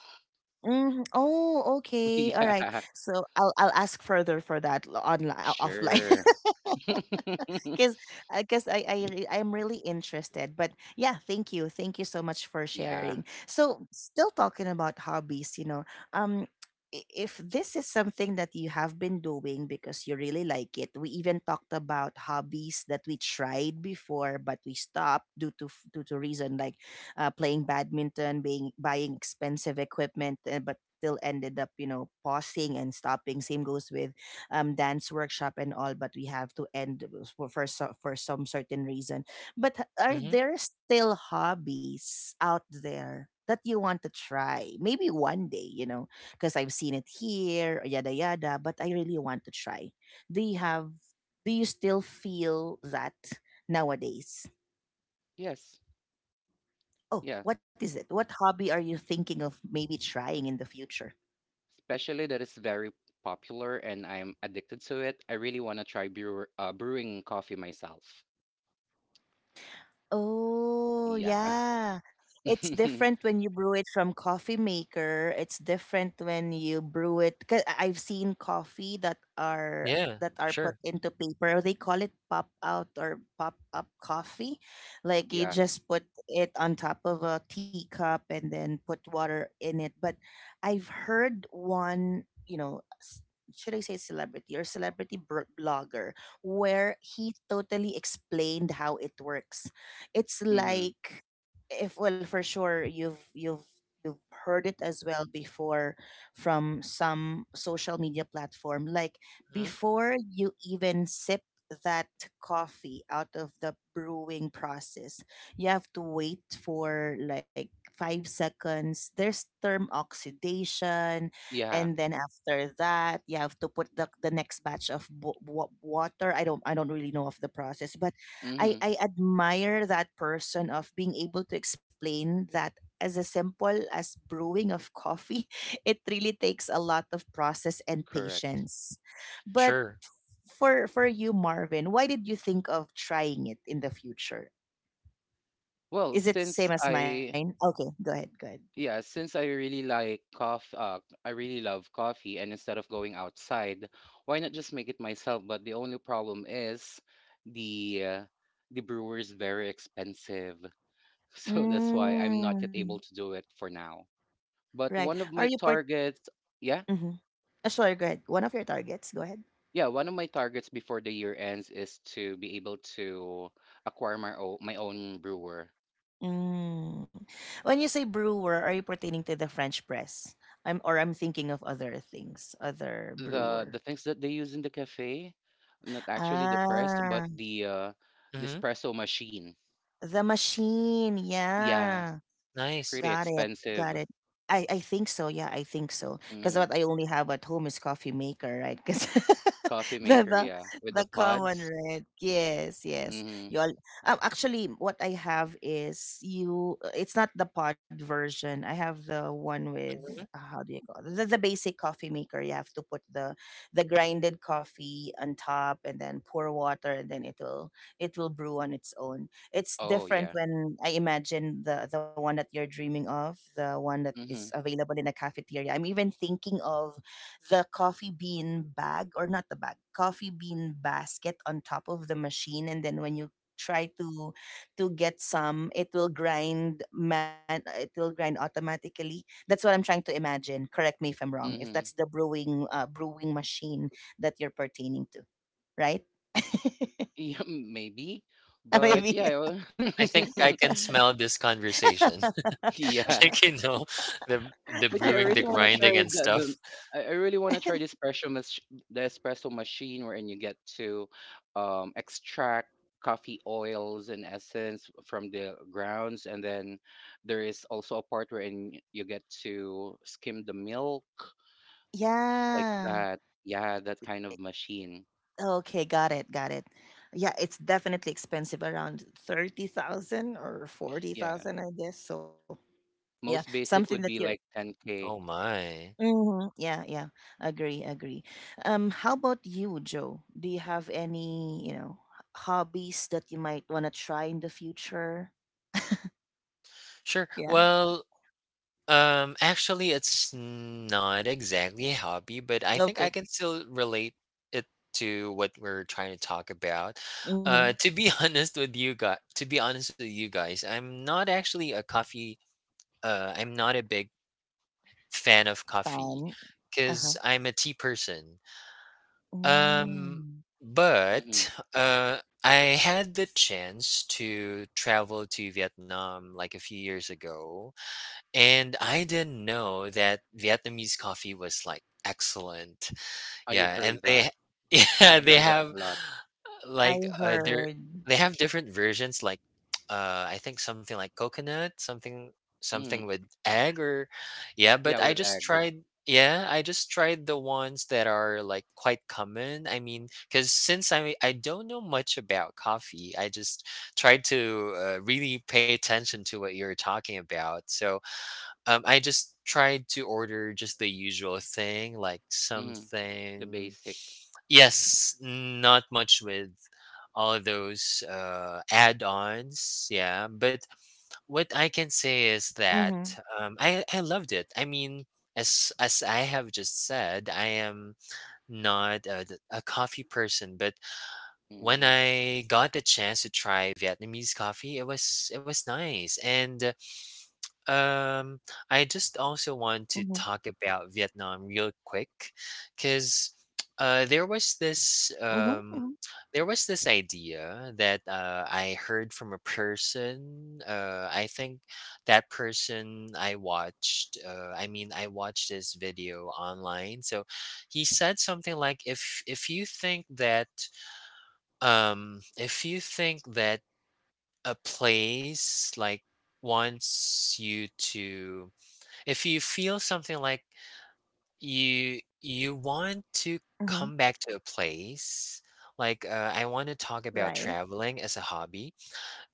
Mm, oh, okay. All right. Yeah, So I'll ask further for that online offline. sure. Because I guess I'm really interested. But yeah, thank you so much for sharing. yeah. So still talking about hobbies, um, if this is something that you have been doing because you really like it, we even talked about hobbies that we tried before but we stopped due to reason like playing badminton, being buying expensive equipment, but still ended up pausing and stopping. Same goes with dance workshop and all, but we have to end for some certain reason. But are Mhm. there still hobbies out there that you want to try, maybe one day, because I've seen it here, yada yada. But I really want to try. Do you have? Do you still feel that nowadays? Yes. Yeah. Oh, what is it? What hobby are you thinking of maybe trying in the future? Especially that it's very popular and I'm addicted to it. I really want to try brewing coffee myself. Oh, Yeah. yeah. It's different when you brew it from coffee maker. It's different when you brew it. Cause I've seen coffee that are Yeah, that are put sure. into paper. They call it pop out or pop up coffee. Like you yeah. just put it on top of a teacup and then put water in it. But I've heard one, should I say celebrity or blogger, where he totally explained how it works. It's Mhm. like, if, well, for sure you've heard it as well before from some social media platform. Like, Mhm. before you even sip that coffee out of the brewing process, you have to wait for like 5 seconds. There's term oxidation, Yeah. and then after that you have to put the next batch of water. I don't really know of the process, but I, Mhm. I admire that person of being able to explain that as a simple as brewing of coffee. It really takes a lot of process and Correct. patience. But Sure. for you, Marvin, why did you think of trying it in the future? Well, Is it since same as mine? I Okay, go ahead, go ahead. yeah, since I really like coffee, I really love coffee, and instead of going outside, why not just make it myself? But the only problem is the uh, the brewer is very expensive, so that's why I'm not yet Mm, able to do it for now. But right. one of Are my you part? targets, yeah, Hmm, sorry, go ahead. One of your targets. Go ahead. yeah, one of my targets before the year ends is to be able to acquire my own brewer. Mm. When you say brewer, are you pertaining to the French press? I'm, or I'm thinking of other things, other The brewer. things that they use in the cafe, not actually the press, but Ah, the Mhm. espresso machine. the machine. Yeah, Yeah. pretty Nice. Got it. Got it. expensive. I think so. Yeah, I think so. Because Hmm. what I only have at home is coffee maker, right? Because Coffee the, maker, the yeah, with the the common pods. red. Yes, yes. Hmm. You all, actually, what I have is you. It's not the pod version. I have the one with, Mhm. how do you call it? The basic coffee maker. You have to put the grinded coffee on top and then pour water, and then it will, it will brew on its own. It's Oh different yeah. when I imagine the one that you're dreaming of, the one that is Hmm. available in a cafeteria. I'm even thinking of the coffee bean bag, or not the bag, coffee bean basket on top of the machine, and then when you try to get some, it will grind, man, it will grind automatically. That's what I'm trying to imagine. Correct me if I'm wrong if that's Hmm. the brewing machine that you're pertaining to, right? Yeah, maybe, but Maybe, yeah, I I think I wa- can smell this conversation. yeah. Like, you know, the But yeah, I brewing, the really want to grinding try and the stuff. I really want to try the espresso machine wherein you get to extract coffee oils and essence from the grounds, and then there is also a part wherein you get to skim the milk like yeah. that. Yeah, that kind of machine. Okay, got it, got it. Yeah, it's definitely expensive, around 30,000 or Yeah, 40,000, I guess. So, yeah, most something that basic you're. would be like 10K. Oh my. Mhm. Yeah, yeah. Agree, agree. How about you, Joe? Do you have any, you know, hobbies that you might want to try in the future? Sure. Yeah. Well, actually, it's not exactly a hobby, but I Okay. think I can still relate it to what we're trying to talk about. Mm-hmm. To be honest with you guys, to be honest with you guys, I'm not actually a coffee. I'm not a big fan of Fun. coffee Uh-huh. because I'm a tea person. Um, Mm. Mm-hmm. but I had the chance to travel to Vietnam like a few years ago, and I didn't know that Vietnamese coffee was like excellent. I Yeah, and heard that. they yeah, I they heard I that have a lot. heard. like, uh, they're they have different versions, like, I think something like coconut, something Mm. with egg or yeah, Yeah, but I with just egg. tried yeah, I just tried the ones that are, like, quite common. I mean, because since I don't know much about coffee, I just tried to, really pay attention to what you're talking about. So, I just tried to order just the usual thing, like Mm. The something. basic. Yes, not much with all of those add-ons. Yeah, but what I can Mm-hmm. say is that I I loved it. I mean, as I have just said, I am not a coffee person, but when Mm. I got the chance to try Vietnamese coffee, it was nice. And um, Mm-hmm. I just also want to talk about Vietnam real quick, because uh, there Mm-hmm. was this um, there was this idea that I heard from a person. I think that person I watched. I mean, I watched this video online. So he said something like, "If you think that um, if you think that a place like wants you to." If you feel something like you want Mm-hmm. to come back to a place, like I want to Right. talk about traveling as a hobby,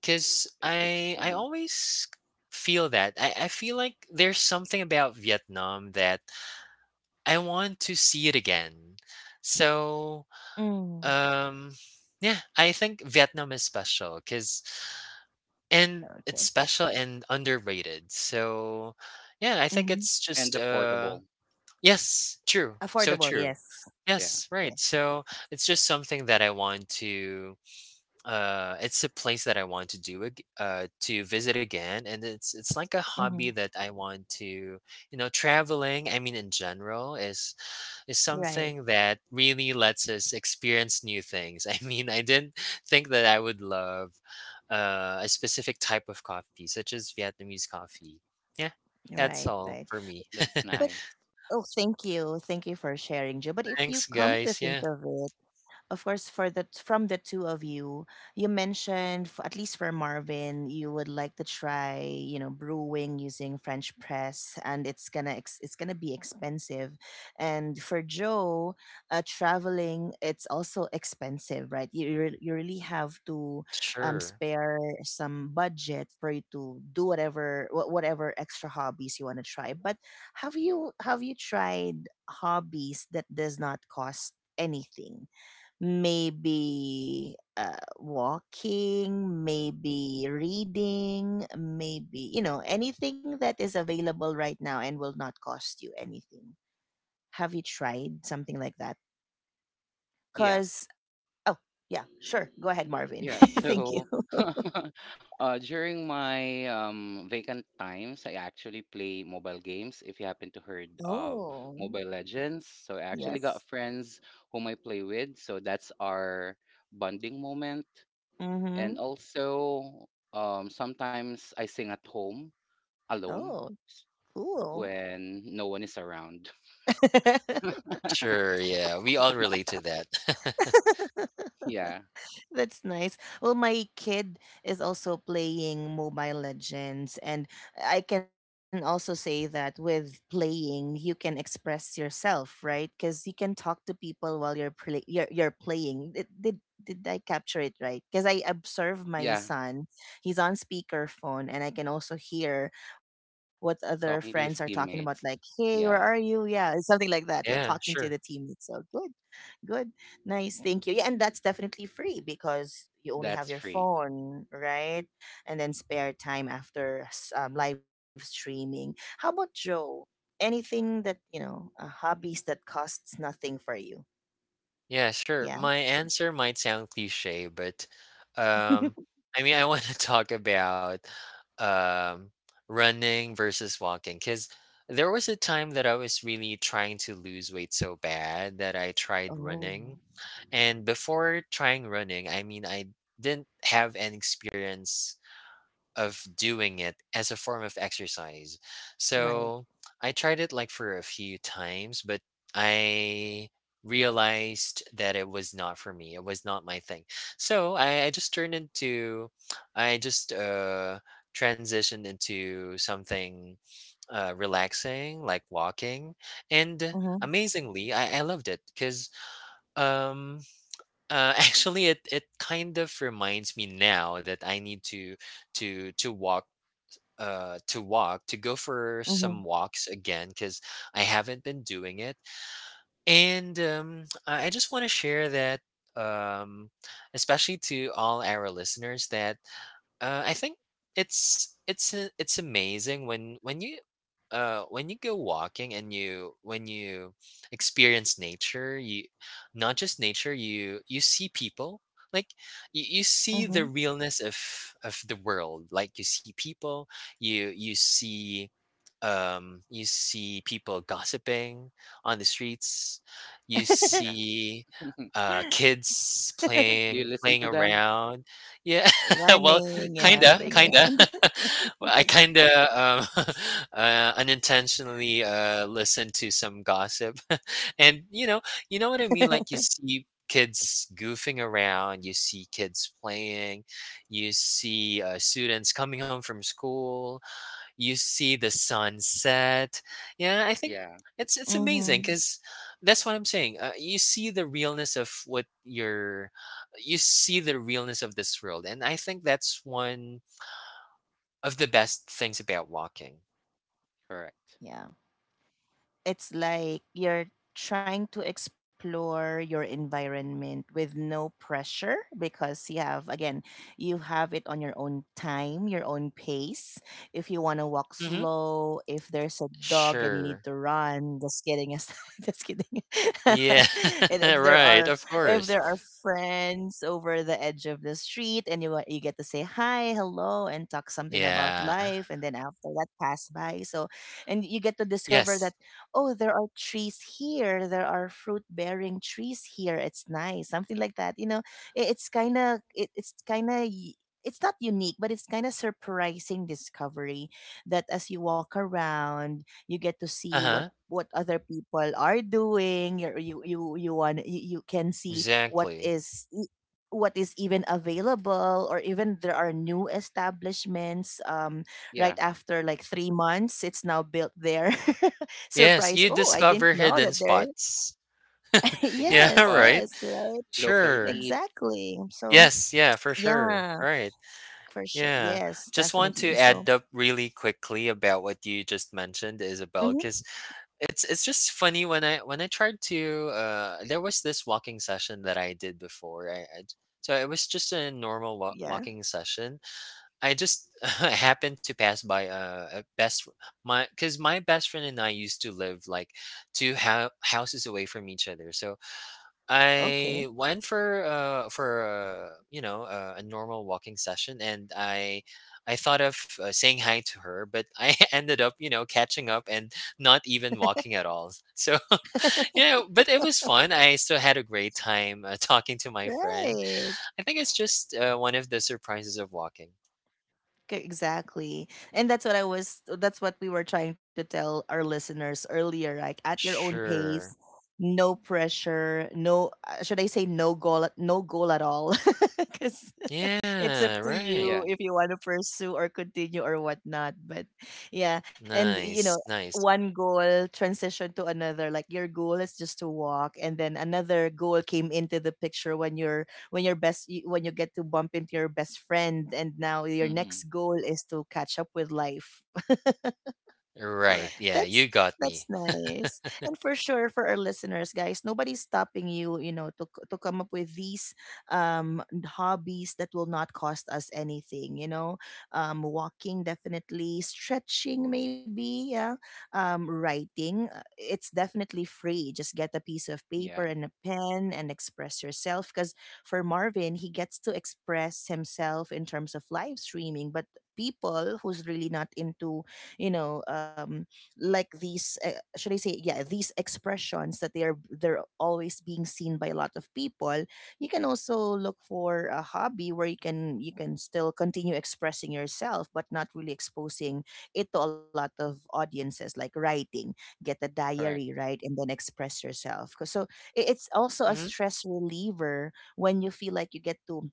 because It should. I Mm-hmm. always feel that I feel like there's something about Vietnam that I want to see it again. So Mm. um yeah, I think Vietnam is special because and Okay. it's special and underrated. So yeah, I think it's just And affordable. yes, true. Affordable, So true. yes. Yeah, Yes, Yes. right. So it's just something that I want to it's a place that I want to to visit again, and it's like a Hmm. hobby that I want to, you know, traveling. I mean, in general, is Right, something that really lets us experience new things. I mean, I didn't think that I would love a specific type of coffee such as Vietnamese coffee. Yeah. That's right, all right. for me. that's But nice. oh, thank you. Thank you for sharing, Joe. But if you Thanks, come to guys. think Yeah. of it, of course, for the, from the two of you, you mentioned, at least for Marvin, you would like to try, you know, brewing using French press, and it's gonna be expensive. And for Joe, traveling, it's also expensive, right? You really have to, Sure. spare some budget for you to do whatever, whatever extra hobbies you want to try. But have you tried hobbies that does not cost anything? Maybe, walking, maybe reading, maybe, you know, anything that is available right now and will not cost you anything. Have you tried something like that? Yeah. Cause oh, yeah, sure. Go ahead, Marvin. Yeah, Thank you. so during my vacant times, I actually play mobile games. If you happen to heard of Oh, Mobile Legends, so I actually got yes. friends whom I play with. So that's our bonding moment. And Mm-hmm. also, sometimes I sing at home alone Oh, s- cool. when no one is around. Sure, yeah, we all relate to that. Yeah, That's nice. Well, my kid is also playing Mobile Legends, and I can also say that with playing, you can express yourself, right? Because you can talk to people while you're playing. Did did I capture it right? Because I observe my yeah, son; he's on speakerphone, and I can also hear what other friends are talking talking to about, his like, "Hey, teammates. where are you?" Yeah. Yeah, something like that. Yeah, talking to Yeah, the sure. teammates. So good. Good. Nice. Thank you. Yeah, and that's definitely free because you only have That's your free. phone, right? And then spare time after live streaming. How about Joe? Anything that, you know, hobbies that costs nothing for you? Yeah, sure. Yeah. My answer might sound cliché, but, um, I mean, I wanna talk about, um, running versus walking. Cause there was a time that I was really trying to lose weight so bad that I tried Oh, running, and before trying running, I mean, I didn't have an experience of doing it as a form of exercise. right. So I tried it like for a few times, but I realized that it was not for me. It was not my thing. So I just transitioned into something relaxing, like walking. And Mm-hmm, amazingly, I loved it because um, actually it kind of reminds me now that I need to walk to go for some mm-hmm, walks again, because I haven't been doing it. And I just want to share that um especially to all our listeners that I think it's amazing when you when you go walking and you experience nature. You not just nature you you see people like you see the mm-hmm. realness of the world. Like you see people, you see you see people gossiping on the streets. You Yeah. see kids Do you listen playing to them? around. Yeah, well, Running, yeah, playing kinda, kinda. around. Well, I kinda unintentionally listened to some gossip, and you know what I mean. Like you see kids goofing around, you see kids playing, you see students coming home from school, you see the sunset. Yeah, I think Yeah, it's Mm-hmm. amazing because that's what I'm saying. You see the realness of you see the realness of this world, and I think that's one of the best things about walking. correct. Yeah. It's like you're trying to explore your environment with no pressure, because you have, again, you have it on your own time, your own pace. If you want to walk hmm slow, if there's a dog and you need Sure. to run, just kidding aside, just kidding. Yeah. And if there right. are Of if course. there are friends over the edge of the street, and you get to say hi, hello, and talk something about Yeah. life, and then after that pass by. So and you get to discover that, Yes. oh, there are trees here, there are fruit bearing trees here. It's nice, something like that. You know, it's kind of, it's not unique, but it's kind of surprising discovery that as you walk around, you get to Uh see huh. what other people are doing. You're, you want you, you can see what Exactly. is e- what is even available, or even there are new establishments, right Yeah. after like 3 months it's now built there. Yes, Surprise, you oh, I didn't discover know hidden that there. spots. Hidden Yeah. Yes, spot, Right. yes, right, local Sure. eat. exactly. So Yes. Yeah. For sure. yeah, Right. for sure, Yeah, yes, just want to definitely. add So up really quickly about what you just mentioned, mhm, Isabel, because it's just funny when I tried to there was this walking session that I did before. I so it was just a normal yeah, walking session. I just happened to pass by a my, because my best friend and I used to live like two houses away from each other. So okay, I went for you know, a normal walking session, and I thought of saying hi to her, but I ended up, you know, catching up and not even walking at all. So yeah, but it was fun. I still had a great time, talking to my friend. right. I think it's just one of the surprises of walking. Exactly. And that's what I was, that's what we were trying to tell our listeners earlier, right? At your own pace, Sure. no pressure, no, should I say, no goal at all. Cuz it's up Yeah. to Right. you Yeah. if you want to pursue or continue or whatnot. But yeah, and you know, Nice. Nice. one goal transition to another. Like your goal is just to walk, and then another goal came into the picture when you're, when you get to bump into your best friend, and now your Mm-hmm. next goal is to catch up with life. Right. Correct. Yeah. that's You got that's me. nice. And for sure, for our listeners, guys, nobody's stopping you, you know, to to come up with these, um, hobbies that will not cost us anything, you know. Um, walking definitely, stretching maybe, yeah. Um, writing, it's definitely free. Just get a piece of paper Yeah. and a pen and express yourself. Because for Marvin, he gets to express himself in terms of live streaming, but people who's really not into, you know, um, like these, should I say, yeah, these expressions that they're always being seen by a lot of people, you can also look for a hobby where you can, you can still continue expressing yourself but not really exposing it to a lot of audiences, like writing. Get a diary, Correct. right? And then express yourself. 'Cause so it's also a hmm stress reliever when you feel like you get to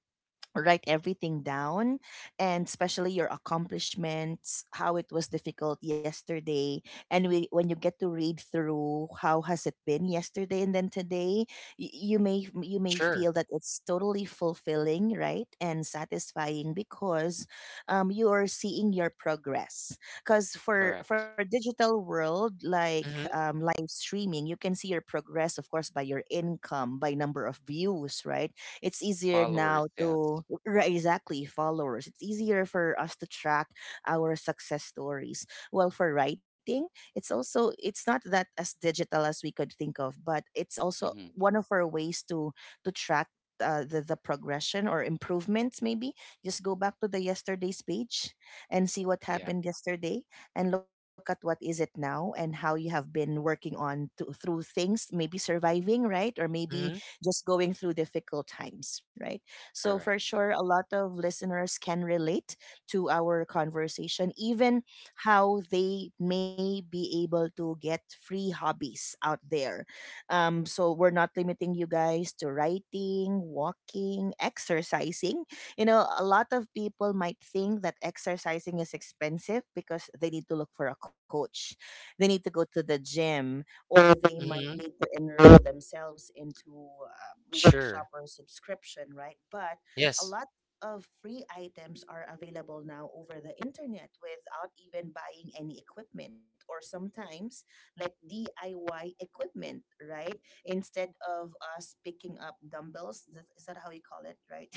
write everything down, and especially your accomplishments, how it was difficult yesterday. And we, when you get to read through how has it been yesterday and then today, you may, you may Sure. feel that it's totally fulfilling, right, and satisfying, because you are seeing your progress. Because for Correct. digital world, like, hmm live streaming, you can see your progress, of course, by your income, by number of views, right? It's easier now Followers, yes. to, right, exactly, followers. It's easier for us to track our success stories. Well, for writing, it's also, it's not that as digital as we could think of, but it's also Mm-hmm. one of our ways to track, the progression or improvements, maybe. Just go back to the yesterday's page and see what Yeah. happened yesterday, and look at what is it now and how you have been working on to, through things, maybe surviving, right, or maybe hmm just going through difficult times, right? So, for Correct. sure, a lot of listeners can relate to our conversation, even how they may be able to get free hobbies out there. So we're not limiting you guys to writing, walking, exercising. You know, a lot of people might think that exercising is expensive because they need to look for a coach, they need to go to the gym, or they might hmm need to enroll themselves into, workshop Sure. or subscription, right? But a Yes. lot of free items are available now over the internet without even buying any equipment, or sometimes like DIY equipment, right? Instead of us picking up dumbbells, is that how you call it, right?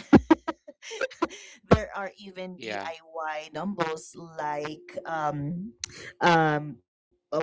There are even Yeah. DIY dumbbells like um uh,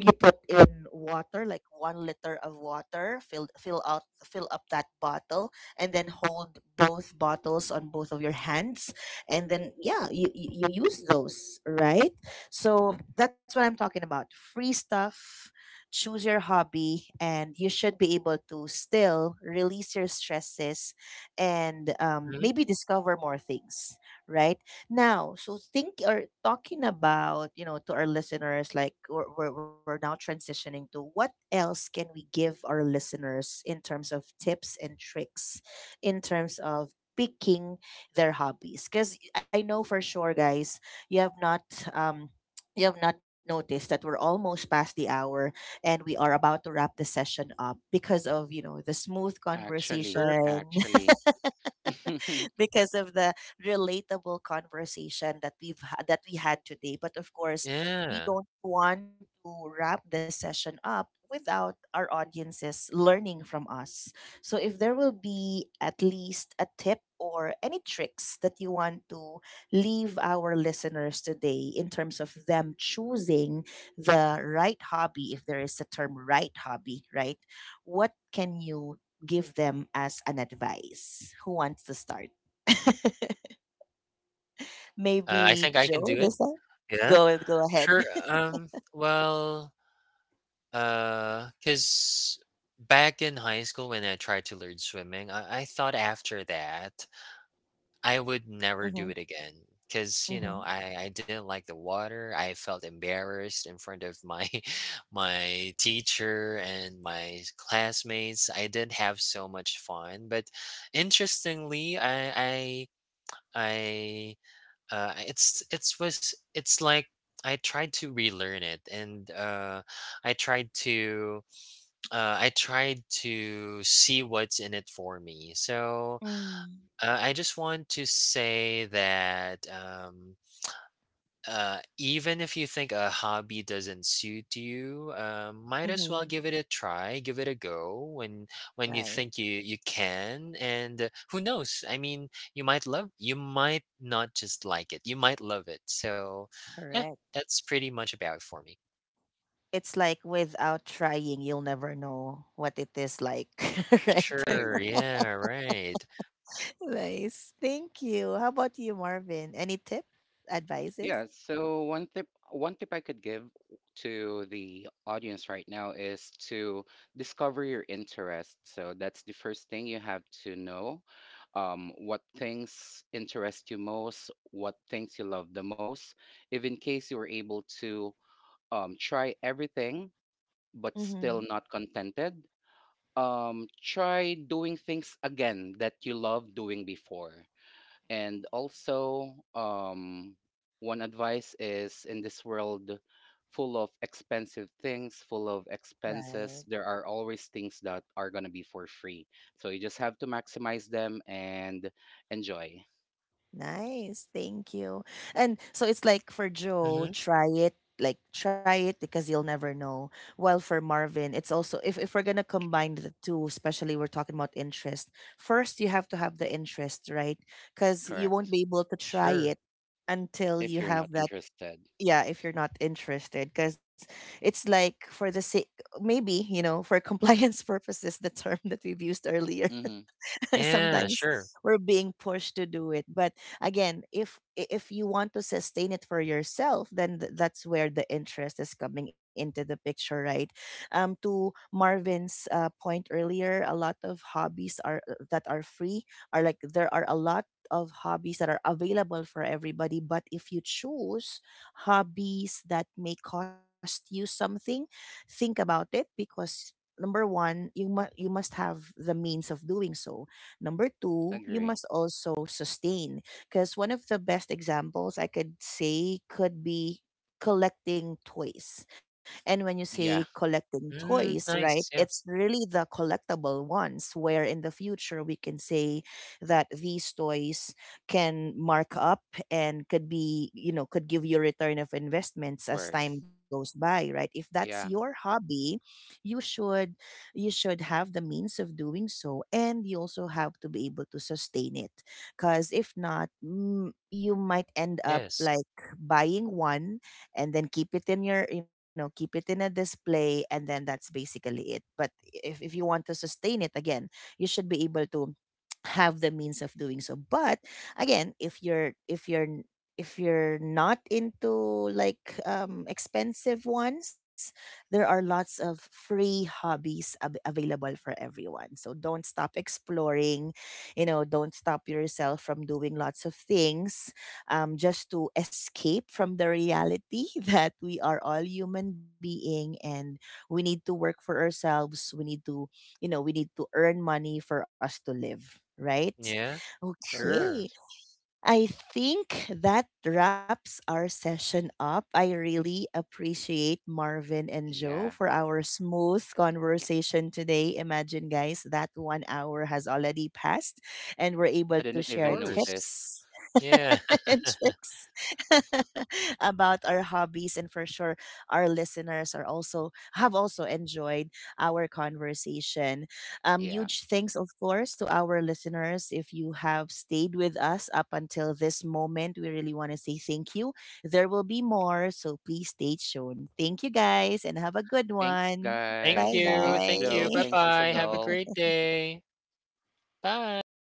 you put in water like 1 liter of water fill up that bottle, and then hold both bottles on both of your hands, and then yeah, you use those, right? So that's what I'm talking about, free stuff. Choose your hobby and you should be able to still release your stresses and Mhm. maybe discover more things right now. So think or talking about, to our listeners, like we're now transitioning to what else can we give our listeners in terms of tips and tricks, in terms of picking their hobbies. Because I know for sure, guys, you have not, um, you have not noticed that we're almost past the hour and we are about to wrap the session up because of, the smooth Actually, Sure. conversation. actually, I Because of the relatable conversation that we've ha- that we had today. But of course, Yeah. we don't want to wrap the session up without our audiences learning from us. So if there will be at least a tip or any tricks that you want to leave our listeners today in terms of them choosing the right hobby, if there is a term right hobby, right? What can you give them as an advice? Who wants to start? I Maybe think I can Joe do it. this one. Yeah. Go ahead. Sure. Cause back in high school when I tried to learn swimming, I thought after that I would never do Mm-hmm. it again. Cause you know, Mm-hmm. I didn't like the water. I felt embarrassed in front of my my teacher and my classmates. I didn't have so much fun. But interestingly, I it's was it's like I tried to relearn it, and I tried to I tried to see what's in it for me. So mm, I just want to say that even if you think a hobby doesn't suit you, might as well Mm-hmm. give it a try, give it a go when you think Right, you can. And who knows? I mean, you might love, you might not just like it, you might love it. So, yeah, correct. that's pretty much about it for me. It's like without trying, you'll never know what it is like, right? Sure. agree. Yeah. Right. Nice. Thank you. How about you, Marvin? Any tip, advices? Yeah, so one tip I could give to the audience right now is to discover your interest. So that's the first thing you have to know. What things interest you most, what things you love the most. If in case you were able to try everything but Mm-hmm. still not contented, try doing things again that you loved doing before. And also, one advice is in this world full of expensive things, full of Right. expenses, there are always things that are going to be for free. So you just have to maximize them and enjoy. Nice, thank you. And so it's like for Mm-hmm. Joe, try it, like try it because you'll never know. While for Marvin, it's also, if we're gonna combine the two, especially we're talking about interest. First, you have to have the interest, right? Because you won't Correct. be able to try Sure. it until If you you're not have that. interested. Yeah, if you're not interested, because it's like for the sake, maybe you know, for compliance purposes, the term that we've used earlier. Mm-hmm. Yeah. Sometimes Sure. we're being pushed to do it, but again, if you want to sustain it for yourself, that's where the interest is coming into the picture, right? To Marvin's point earlier, a lot of hobbies are that are free, are like, there are a lot of hobbies that are available for everybody. But if you choose hobbies that may cost you something, think about it, because number one, you must have the means of doing so. Number two, you Agree. must also sustain. Because one of the best examples I could say could be collecting toys. And when you say Yeah. collecting toys, Mm, right, nice. Yeah. it's really the collectible ones where in the future we can say that these toys can mark up and could be, you know, could give you return of investments as Worse. time goes by, right? If that's your Yeah. hobby, you should you should have the means of doing so, and you also have to be able to sustain it. Because if not, you might end up Yes. like buying one and then keep it in your, you know, keep it in a display, and then that's basically it. But if you want to sustain it again, you should be able to have the means of doing so. But again, if you're not into like expensive ones, there are lots of free hobbies available for everyone. So don't stop exploring, you know, don't stop yourself from doing lots of things, just to escape from the reality that we are all human being, and we need to work for ourselves, we need to, you know, we need to earn money for us to live, right? Yeah. Okay. Sure. Correct. I think that wraps our session up. I really appreciate Marvin and Joe Yeah. for our smooth conversation today. Imagine, guys, that 1 hour has already passed, and we're able I to didn't Of share even course. notice. tips Yeah. and tricks about our hobbies, and for sure our listeners are also have also enjoyed our conversation. Yeah. Huge thanks, of course, to our listeners. If you have stayed with us up until this moment, we really want to say thank you. There will be more, so please stay tuned. Thank you, guys, and have a good Thanks, one. Thank Bye guys. you. Thanks, Thank you. Joe. Bye bye. Thanks, bye. Have a Isabel. great day. Bye.